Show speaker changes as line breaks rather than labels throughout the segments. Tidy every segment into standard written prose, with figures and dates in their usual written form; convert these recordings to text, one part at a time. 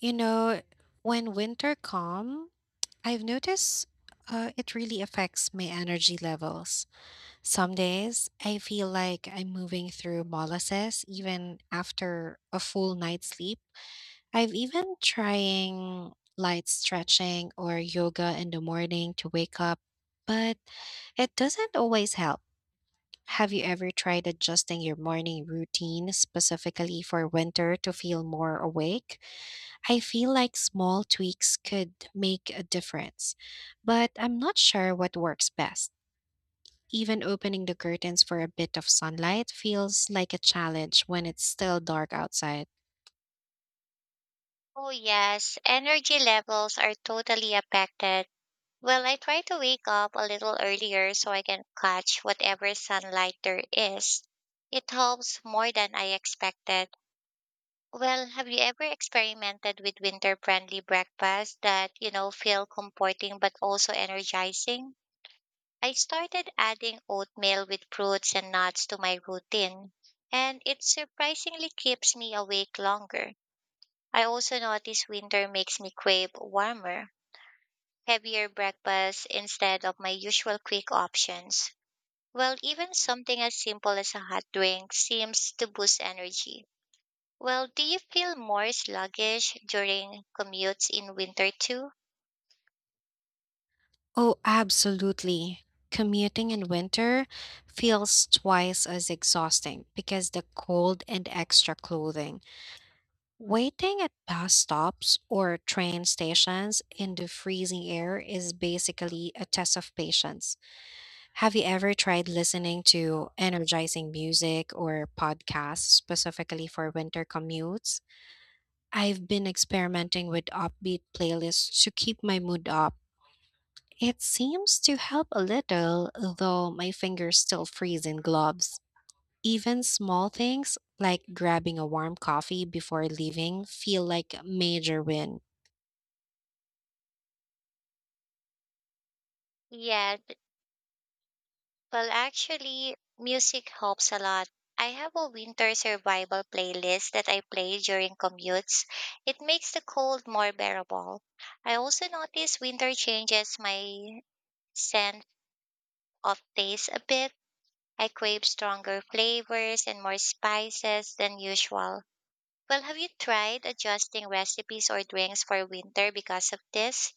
You know, when winter come, I've noticed it really affects my energy levels. Some days I feel like I'm moving through molasses even after a full night's sleep. I've even trying light stretching or yoga in the morning to wake up, but it doesn't always help. Have you ever tried adjusting your morning routine specifically for winter to feel more awake? I feel like small tweaks could make a difference, but I'm not sure what works best. Even opening the curtains for a bit of sunlight feels like a challenge when it's still dark outside.
Oh, yes, energy levels are totally affected. Well, I try to wake up a little earlier so I can catch whatever sunlight there is. It helps more than I expected. Well, have you ever experimented with winter-friendly breakfasts that, feel comforting but also energizing? I started adding oatmeal with fruits and nuts to my routine, and it surprisingly keeps me awake longer. I also notice winter makes me crave warmer, heavier breakfasts instead of my usual quick options. Well, even something as simple as a hot drink seems to boost energy. Well, do you feel more sluggish during commutes in winter too?
Oh, absolutely. Commuting in winter feels twice as exhausting because the cold and extra clothing. Waiting at bus stops or train stations in the freezing air is basically a test of patience. Have you ever tried listening to energizing music or podcasts specifically for winter commutes? I've been experimenting with upbeat playlists to keep my mood up. It seems to help a little, though my fingers still freeze in gloves. Even small things like grabbing a warm coffee before leaving feel like a major win.
Yeah, well, actually, music helps a lot. I have a winter survival playlist that I play during commutes. It makes the cold more bearable. I also notice winter changes my scent off taste a bit. I crave stronger flavors and more spices than usual. Well, have you tried adjusting recipes or drinks for winter because of this?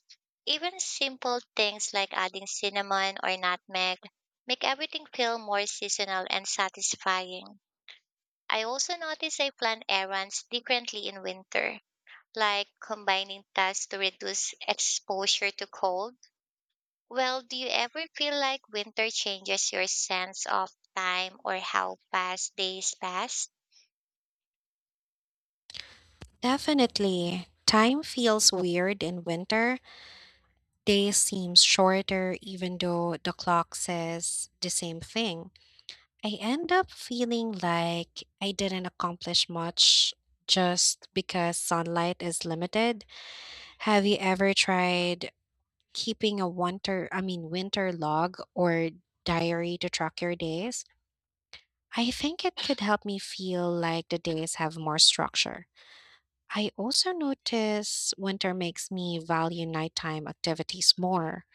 Even simple things like adding cinnamon or nutmeg make everything feel more seasonal and satisfying. I also notice I plan errands differently in winter, like combining tasks to reduce exposure to cold. Well, do you ever feel like winter changes your sense of time or how fast days pass?
Definitely, time feels weird in winter. Days seem shorter even though the clock says the same thing. I end up feeling like I didn't accomplish much just because sunlight is limited. Have you ever tried keeping a winter, I mean winter log or diary to track your days? I think it could help me feel like the days have more structure. I also notice winter makes me value nighttime activities more,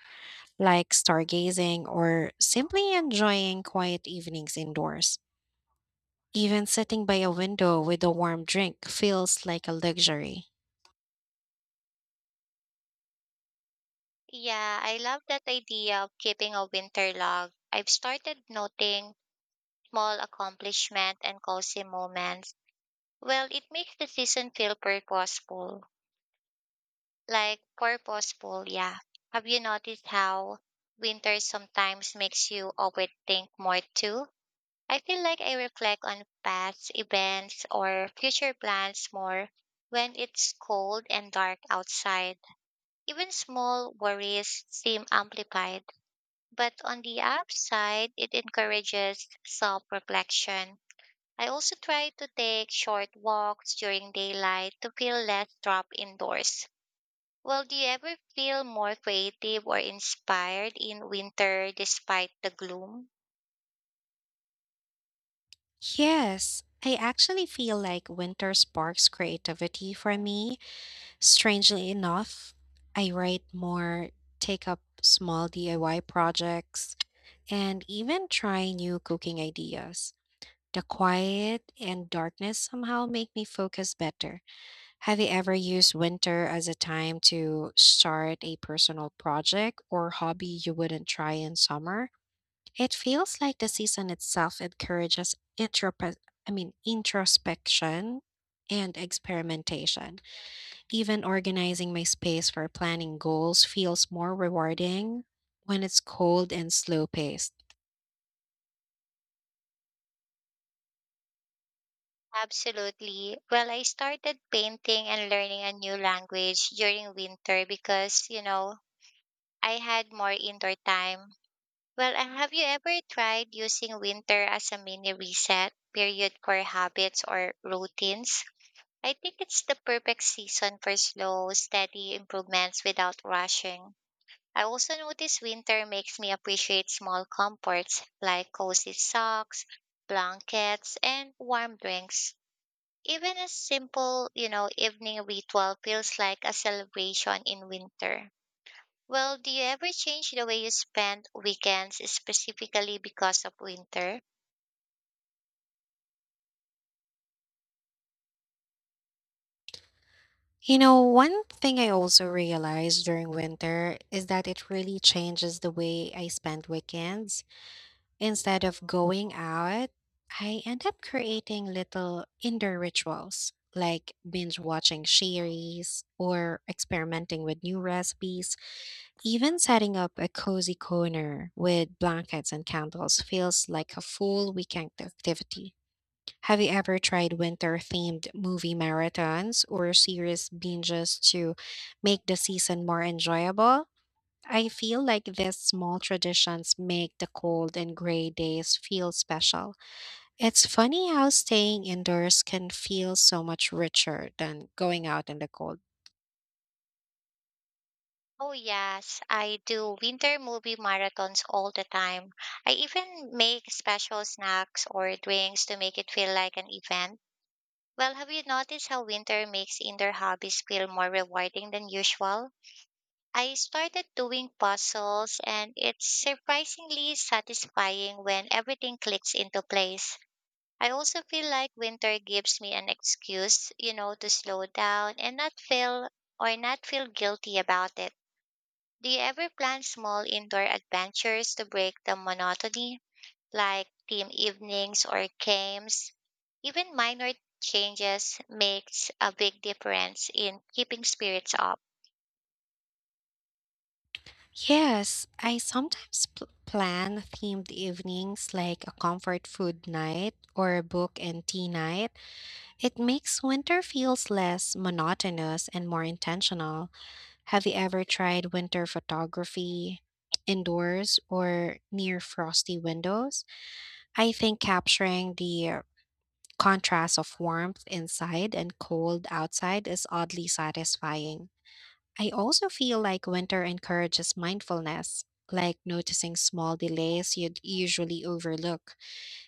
like stargazing or simply enjoying quiet evenings indoors. Even sitting by a window with a warm drink feels like a luxury.
Yeah, I love that idea of keeping a winter log. I've started noting small accomplishments and cozy moments. Well, it makes the season feel purposeful. Like purposeful, yeah. Have you noticed how winter sometimes makes you overthink more too? I feel like I reflect on past events or future plans more when it's cold and dark outside. Even small worries seem amplified. But on the upside, it encourages self reflection. I also try to take short walks during daylight to feel less trapped indoors. Well, do you ever feel more creative or inspired in winter despite the gloom?
Yes, I actually feel like winter sparks creativity for me. Strangely enough, I write more, take up small DIY projects, and even try new cooking ideas. The quiet and darkness somehow make me focus better. Have you ever used winter as a time to start a personal project or hobby you wouldn't try in summer? It feels like the season itself encourages introspection and experimentation. Even organizing my space for planning goals feels more rewarding when it's cold and slow paced.
Absolutely. Well, I started painting and learning a new language during winter because, I had more indoor time. Well, have you ever tried using winter as a mini reset period for habits or routines? I think it's the perfect season for slow, steady improvements without rushing. I also notice winter makes me appreciate small comforts like cozy socks, blankets, and warm drinks. Even a simple, evening ritual feels like a celebration in winter. Well, do you ever change the way you spend weekends specifically because of winter?
You know, one thing I also realized during winter is that it really changes the way I spend weekends. Instead of going out, I end up creating little indoor rituals like binge watching series or experimenting with new recipes. Even setting up a cozy corner with blankets and candles feels like a full weekend activity. Have you ever tried winter themed movie marathons or series binges to make the season more enjoyable? I feel like these small traditions make the cold and gray days feel special. It's funny how staying indoors can feel so much richer than going out in the cold.
Oh, yes, I do winter movie marathons all the time. I even make special snacks or drinks to make it feel like an event. Well, have you noticed how winter makes indoor hobbies feel more rewarding than usual? I started doing puzzles and it's surprisingly satisfying when everything clicks into place. I also feel like winter gives me an excuse, to slow down and not feel or not feel guilty about it. Do you ever plan small indoor adventures to break the monotony, like team evenings or games? Even minor changes makes a big difference in keeping spirits up.
Yes, I sometimes plan themed evenings like a comfort food night or a book and tea night. It makes winter feels less monotonous and more intentional. Have you ever tried winter photography indoors or near frosty windows? I think capturing the contrast of warmth inside and cold outside is oddly satisfying. I also feel like winter encourages mindfulness, like noticing small delays you'd usually overlook.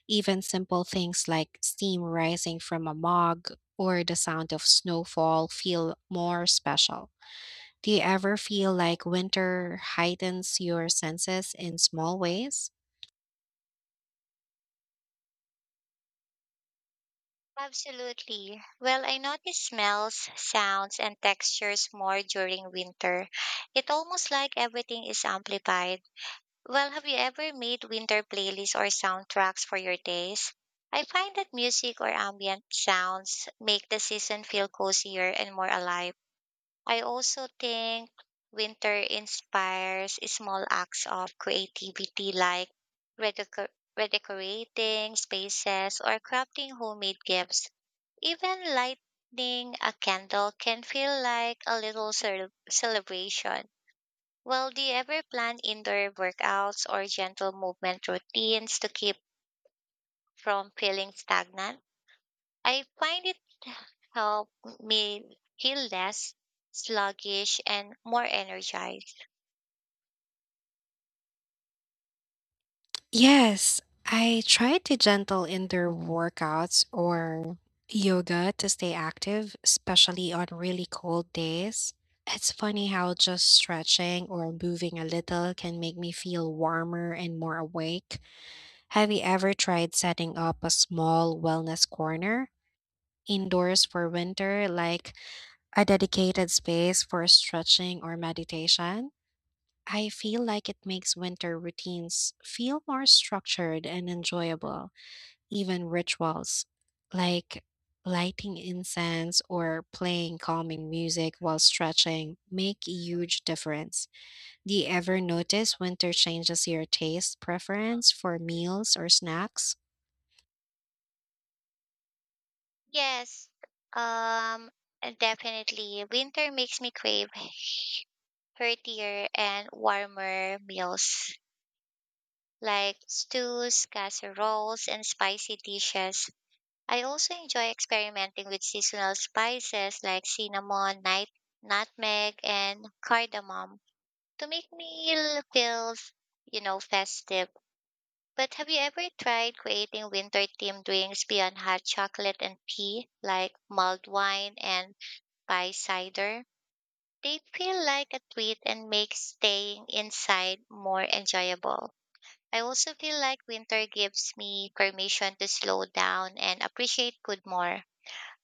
Even simple things like steam rising from a mug or the sound of snowfall feel more special. Do you ever feel like winter heightens your senses in small ways?
Absolutely. Well, I notice smells, sounds, and textures more during winter. It almost like everything is amplified. Well, have you ever made winter playlists or soundtracks for your days? I find that music or ambient sounds make the season feel cozier and more alive. I also think winter inspires small acts of creativity like redeco- redecorating spaces or crafting homemade gifts. Even lighting a candle can feel like a little celebration. Well, do you ever plan indoor workouts or gentle movement routines to keep from feeling stagnant? I find it help me feel less sluggish and more energized.
Yes, I try to gentle indoor workouts or yoga to stay active, especially on really cold days. It's funny how just stretching or moving a little can make me feel warmer and more awake. Have you ever tried setting up a small wellness corner indoors for winter, like a dedicated space for stretching or meditation? I feel like it makes winter routines feel more structured and enjoyable. Even rituals like lighting incense or playing calming music while stretching make a huge difference. Do you ever notice winter changes your taste preference for meals or snacks?
Yes, um, definitely. Winter makes me crave heartier and warmer meals like stews, casseroles, and spicy dishes. I also enjoy experimenting with seasonal spices like cinnamon, nutmeg, and cardamom to make meal feel, festive. But have you ever tried creating winter themed drinks beyond hot chocolate and tea, like mulled wine and pie cider? They feel like a treat and make staying inside more enjoyable. I also feel like winter gives me permission to slow down and appreciate food more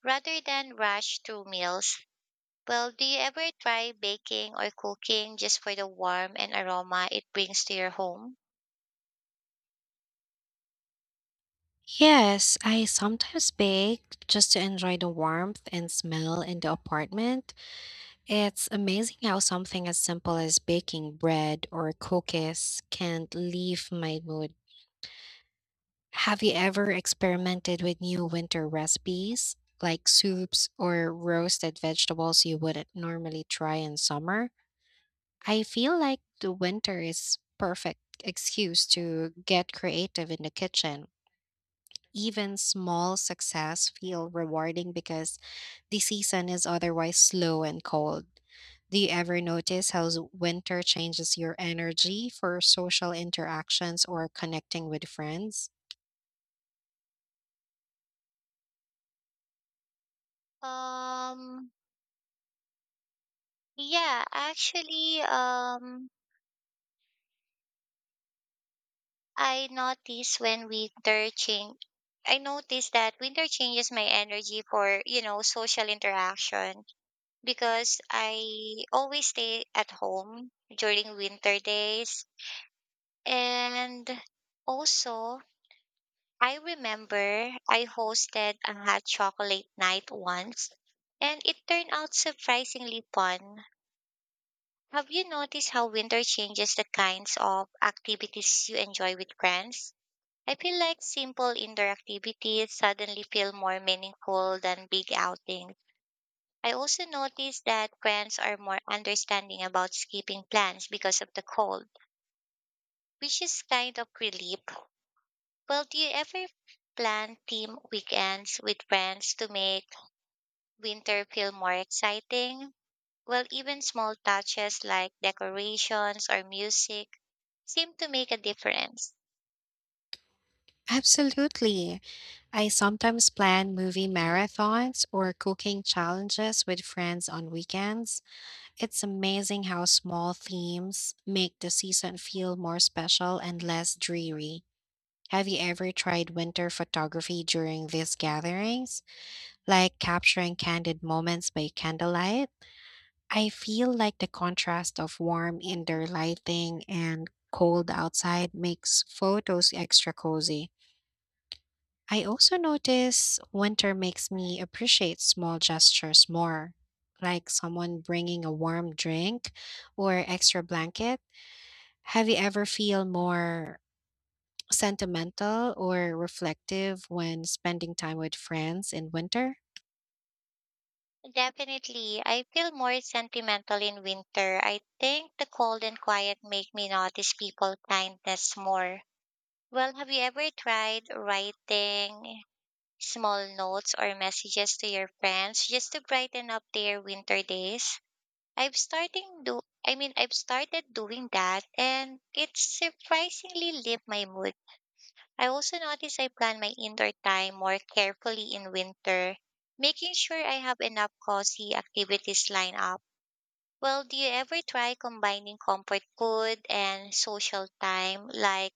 rather than rush through meals. Well, do you ever try baking or cooking just for the warmth and aroma it brings to your home?
Yes, I sometimes bake just to enjoy the warmth and smell in the apartment. It's amazing how something as simple as baking bread or cookies can leave my mood. Have you ever experimented with new winter recipes, like soups or roasted vegetables you wouldn't normally try in summer? I feel like the winter is perfect excuse to get creative in the kitchen. Even small success feel rewarding because the season is otherwise slow and cold. Do you ever notice how winter changes your energy for social interactions or connecting with friends?
Um, yeah, actually, I notice when winter change, I notice that winter changes my energy for, social interaction because I always stay at home during winter days. And also, I remember I hosted a hot chocolate night once, and it turned out surprisingly fun. Have you noticed how winter changes the kinds of activities you enjoy with friends? I feel like simple indoor activities suddenly feel more meaningful than big outings. I also noticed that friends are more understanding about skipping plans because of the cold, which is kind of relief. Well, do you ever plan team weekends with friends to make winter feel more exciting? Well, even small touches like decorations or music seem to make a difference.
Absolutely. I sometimes plan movie marathons or cooking challenges with friends on weekends. It's amazing how small themes make the season feel more special and less dreary. Have you ever tried winter photography during these gatherings, like capturing candid moments by candlelight? I feel like the contrast of warm indoor lighting and cold outside makes photos extra cozy. I also notice winter makes me appreciate small gestures more, like someone bringing a warm drink or extra blanket. Have you ever feel more sentimental or reflective when spending time with friends in winter?
Definitely, I feel more sentimental in winter. I think the cold and quiet make me notice people kindness more. Well, have you ever tried writing small notes or messages to your friends just to brighten up their winter days? I've starting do I mean I've started doing that and it surprisingly lift my mood. I also notice I plan my indoor time more carefully in winter, making sure I have enough cozy activities lined up. Well, do you ever try combining comfort food and social time, like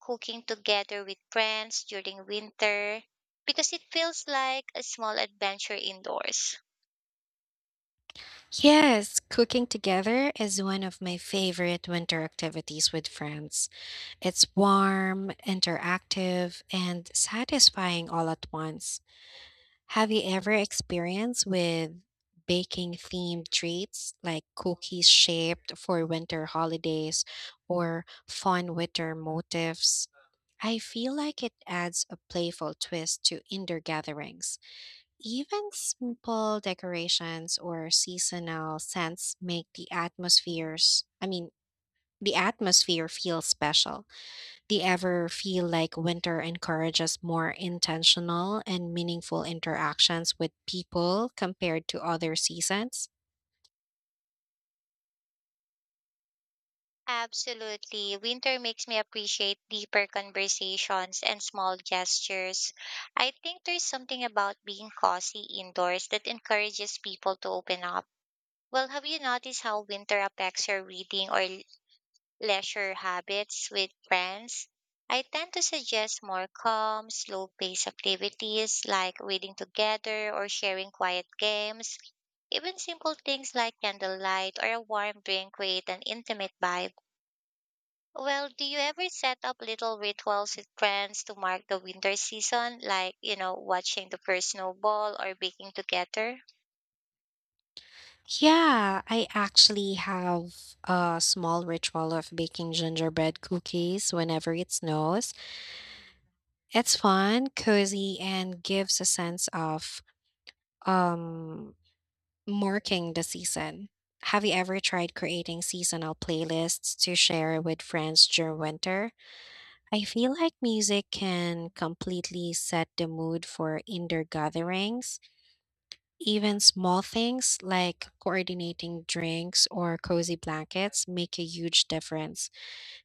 cooking together with friends during winter? Because it feels like a small adventure indoors.
Yes, cooking together is one of my favorite winter activities with friends. It's warm, interactive, and satisfying all at once. Have you ever experienced with baking themed treats like cookies shaped for winter holidays or fun winter motifs? I feel like it adds a playful twist to indoor gatherings. Even simple decorations or seasonal scents make the atmosphere feel special. Do you ever feel like winter encourages more intentional and meaningful interactions with people compared to other seasons?
Absolutely. Winter makes me appreciate deeper conversations and small gestures. I think there's something about being cozy indoors that encourages people to open up. Well, have you noticed how winter affects your reading or leisure habits with friends? I tend to suggest more calm, slow paced activities like reading together or sharing quiet games. Even simple things like candlelight or a warm drink create an intimate vibe. Well, do you ever set up little rituals with friends to mark the winter season, like, watching the first snowball or baking together?
Yeah, I actually have a small ritual of baking gingerbread cookies whenever it snows. It's fun, cozy, and gives a sense of, um, marking the season. Have you ever tried creating seasonal playlists to share with friends during winter? I feel like music can completely set the mood for indoor gatherings. Even small things like coordinating drinks or cozy blankets make a huge difference.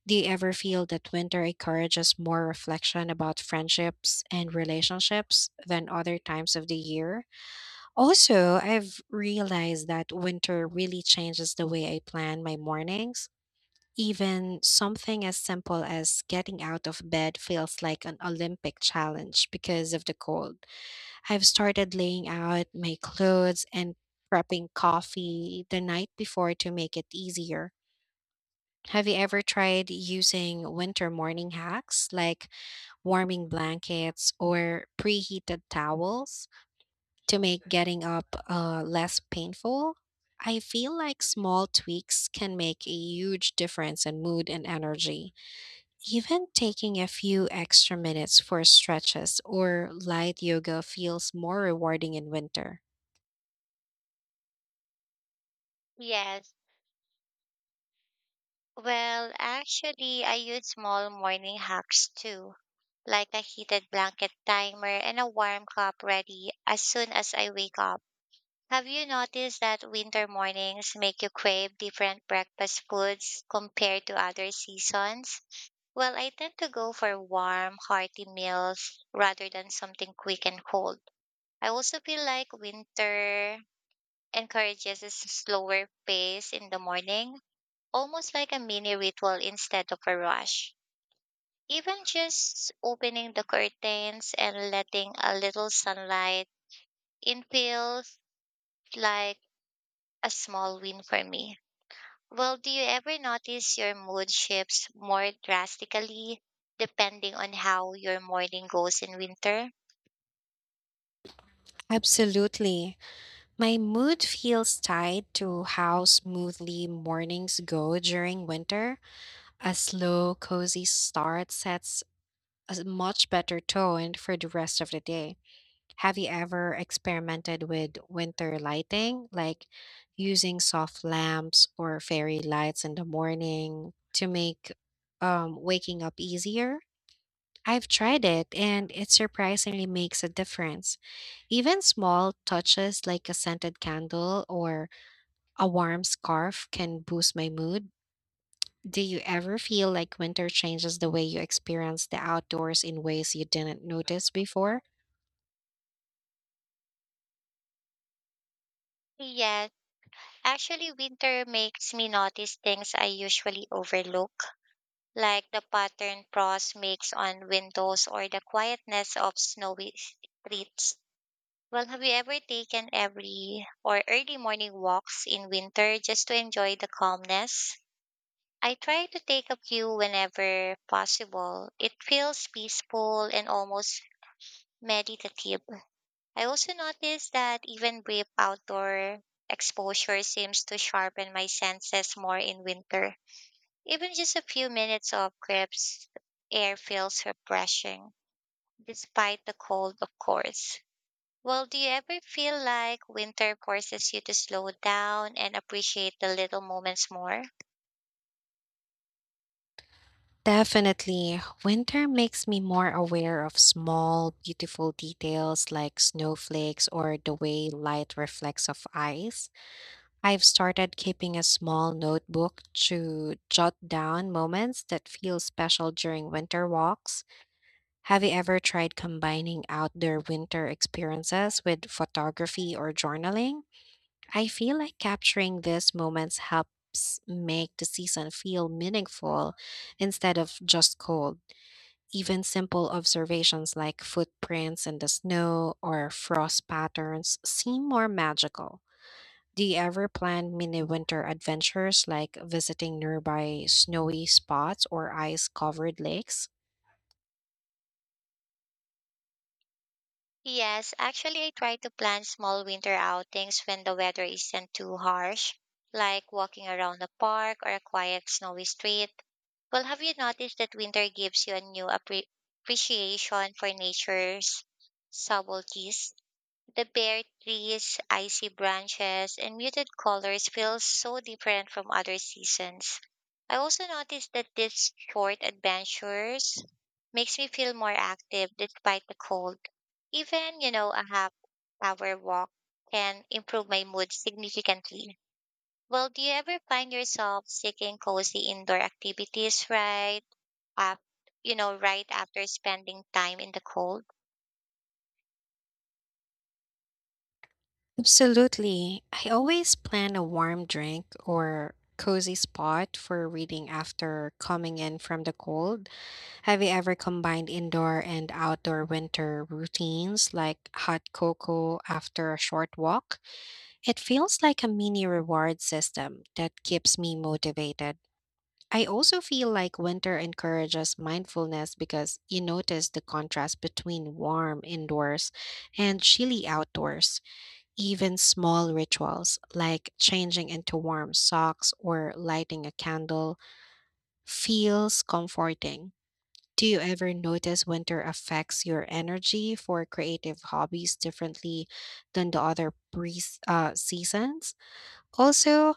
Do you ever feel that winter encourages more reflection about friendships and relationships than other times of the year? Also, I've realized that winter really changes the way I plan my mornings. Even something as simple as getting out of bed feels like an Olympic challenge because of the cold. I've started laying out my clothes and prepping coffee the night before to make it easier. Have you ever tried using winter morning hacks like warming blankets or preheated towels to make getting up less painful? I feel like small tweaks can make a huge difference in mood and energy. Even taking a few extra minutes for stretches or light yoga feels more rewarding in winter.
Yes, well, actually, I use small morning hacks too, like a heated blanket timer and a warm cup ready as soon as I wake up. Have you noticed that winter mornings make you crave different breakfast foods compared to other seasons? Well, I tend to go for warm, hearty meals rather than something quick and cold. I also feel like winter encourages a slower pace in the morning, almost like a mini ritual instead of a rush. Even just opening the curtains and letting a little sunlight in feels like a small win for me. Well, do you ever notice your mood shifts more drastically depending on how your morning goes in winter?
Absolutely. My mood feels tied to how smoothly mornings go during winter. A slow, cozy start sets much better tone for the rest of the day. Have you ever experimented with winter lighting, like using soft lamps or fairy lights in the morning to make waking up easier? I've tried it and it surprisingly makes a difference. Even small touches like a scented candle or a warm scarf can boost my mood. Do you ever feel like winter changes the way you experience the outdoors in ways you didn't notice before?
Yes, actually, winter makes me notice things I usually overlook like the pattern frost makes on windows or the quietness of snowy streets. Well, have you ever taken every or early morning walks in winter just to enjoy the calmness? I try to take a few whenever possible. It feels peaceful and almost meditative. I also notice that even brief outdoor exposure seems to sharpen my senses more in winter. Even just a few minutes of crisp air feels refreshing, despite the cold, of course. Well, do you ever feel like winter forces you to slow down and appreciate the little moments more?
Definitely. Winter makes me more aware of small, beautiful details like snowflakes or the way light reflects off ice. I've started keeping a small notebook to jot down moments that feel special during winter walks. Have you ever tried combining outdoor winter experiences with photography or journaling? I feel like capturing these moments helps make the season feel meaningful instead of just cold. Even simple observations like footprints in the snow or frost patterns seem more magical. Do you ever plan mini winter adventures like visiting nearby snowy spots or ice covered lakes?
Yes, actually, I try to plan small winter outings when the weather isn't too harsh, like walking around a park or a quiet, snowy street. Well, have you noticed that winter gives you a new appreciation for nature's subtleties? The bare trees, icy branches, and muted colors feel so different from other seasons. I also noticed that these short adventures makes me feel more active despite the cold. Even, a half hour walk can improve my mood significantly. Well, do you ever find yourself seeking cozy indoor activities right after right after spending time in the cold?
Absolutely. I always plan a warm drink or cozy spot for reading after coming in from the cold. Have you ever combined indoor and outdoor winter routines like hot cocoa after a short walk? It feels like a mini reward system that keeps me motivated. I also feel like winter encourages mindfulness because you notice the contrast between warm indoors and chilly outdoors. Even small rituals like changing into warm socks or lighting a candle feels comforting. Do you ever notice winter affects your energy for creative hobbies differently than the other seasons? Also,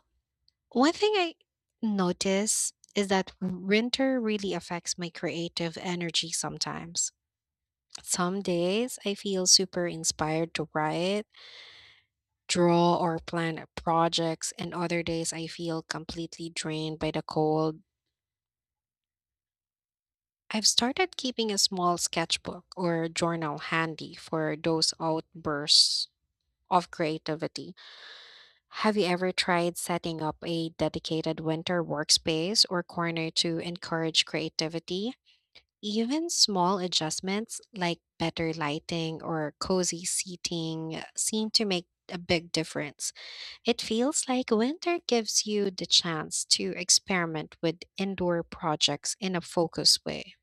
one thing I notice is that winter really affects my creative energy sometimes. Some days I feel super inspired to write draw or plan projects, and other days I feel completely drained by the cold. I've started keeping a small sketchbook or journal handy for those outbursts of creativity. Have you ever tried setting up a dedicated winter workspace or corner to encourage creativity? Even small adjustments like better lighting or cozy seating seem to make a big difference. It feels like winter gives you the chance to experiment with indoor projects in a focused way.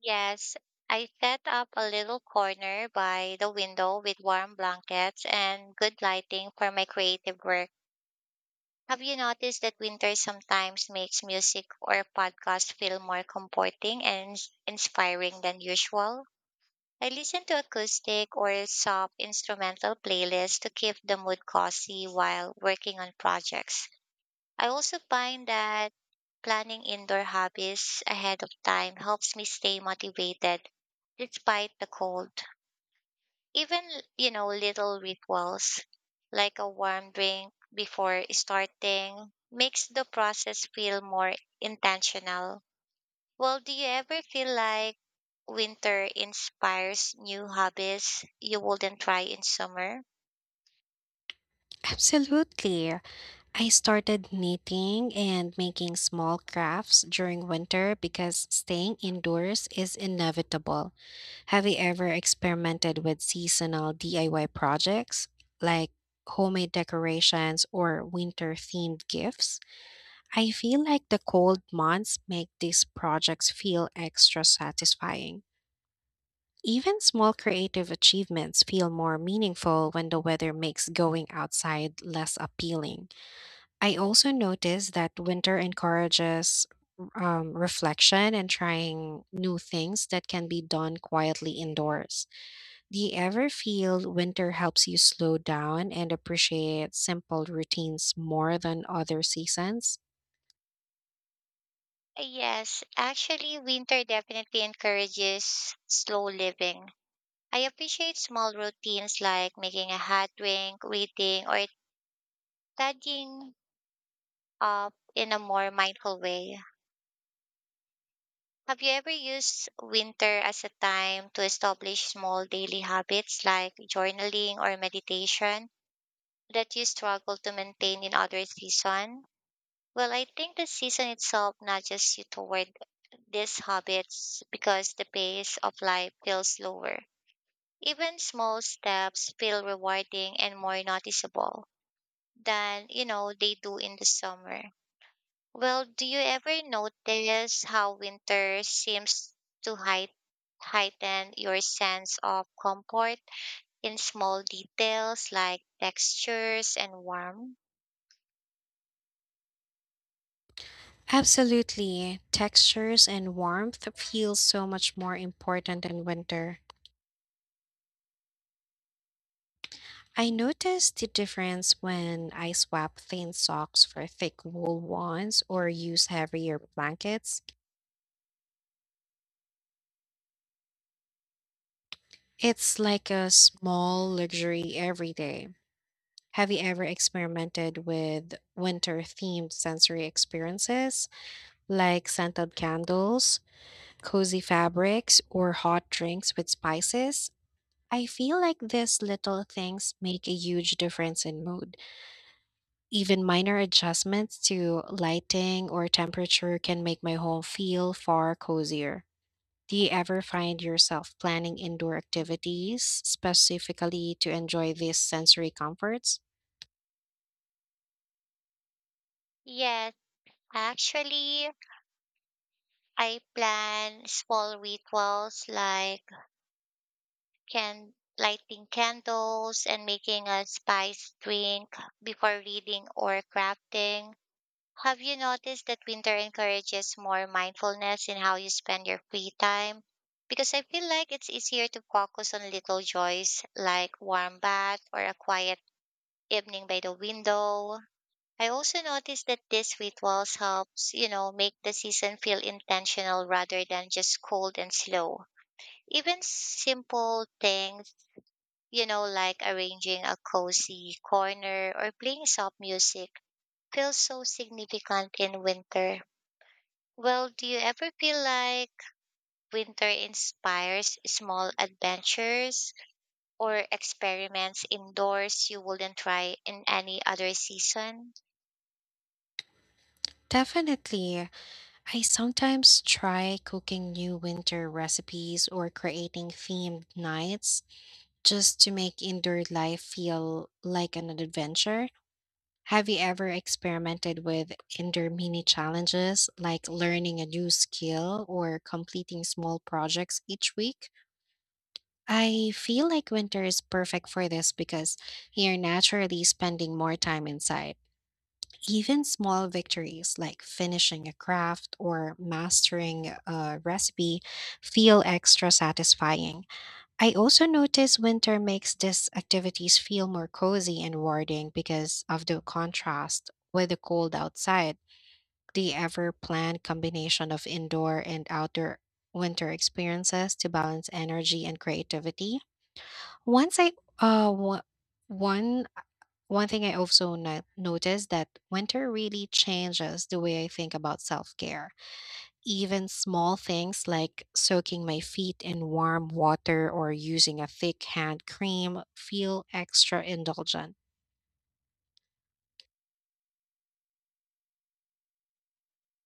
Yes, I set up a little corner by the window with warm blankets and good lighting for my creative work. Have you noticed that winter sometimes makes music or podcast feel more comforting and inspiring than usual? I listen to acoustic or soft instrumental playlists to keep the mood cozy while working on projects. I also find that planning indoor hobbies ahead of time helps me stay motivated despite the cold. Even, little rituals like a warm drink before starting makes the process feel more intentional. Well, do you ever feel like winter inspires new hobbies you wouldn't try in summer?
Absolutely. I started knitting and making small crafts during winter because staying indoors is inevitable. Have you ever experimented with seasonal DIY projects like homemade decorations or winter themed gifts? I feel like the cold months make these projects feel extra satisfying. Even small creative achievements feel more meaningful when the weather makes going outside less appealing. I also notice that winter encourages reflection and trying new things that can be done quietly indoors. Do you ever feel winter helps you slow down and appreciate simple routines more than other seasons?
Yes, actually, winter definitely encourages slow living. I appreciate small routines like making a hot drink, reading, or tidying up in a more mindful way. Have you ever used winter as a time to establish small daily habits like journaling or meditation that you struggle to maintain in other season? Well, I think the season itself nudges you toward these habits because the pace of life feels slower. Even small steps feel rewarding and more noticeable than you know they do in the summer. Well, do you ever notice how winter seems to heighten your sense of comfort in small details like textures and warmth?
Absolutely. Textures and warmth feel so much more important in winter. I notice the difference when I swap thin socks for thick wool ones or use heavier blankets. It's like a small luxury every day. Have you ever experimented with winter themed sensory experiences like scented candles, cozy fabrics, or hot drinks with spices? I feel like these little things make a huge difference in mood. Even minor adjustments to lighting or temperature can make my home feel far cozier. Do you ever find yourself planning indoor activities specifically to enjoy these sensory comforts?
Yes, actually, I plan small rituals like can lighting candles and making a spice drink before reading or crafting. Have you noticed that winter encourages more mindfulness in how you spend your free time? Because I feel like it's easier to focus on little joys like warm bath or a quiet evening by the window. I also noticed that these rituals helps, make the season feel intentional rather than just cold and slow. Even simple things, like arranging a cozy corner or playing soft music feels so significant in winter. Well, do you ever feel like winter inspires small adventures or experiments indoors you wouldn't try in any other season?
Definitely. I sometimes try cooking new winter recipes or creating themed nights just to make indoor life feel like an adventure. Have you ever experimented with indoor mini challenges like learning a new skill or completing small projects each week? I feel like winter is perfect for this because you're naturally spending more time inside. Even small victories like finishing a craft or mastering a recipe feel extra satisfying. I also notice winter makes these activities feel more cozy and rewarding because of the contrast with the cold outside. Do you ever plan combination of indoor and outdoor winter experiences to balance energy and creativity? Once I wa- one one thing I also noticed that winter really changes the way I think about self-care. Even small things like soaking my feet in warm water or using a thick hand cream feel extra indulgent.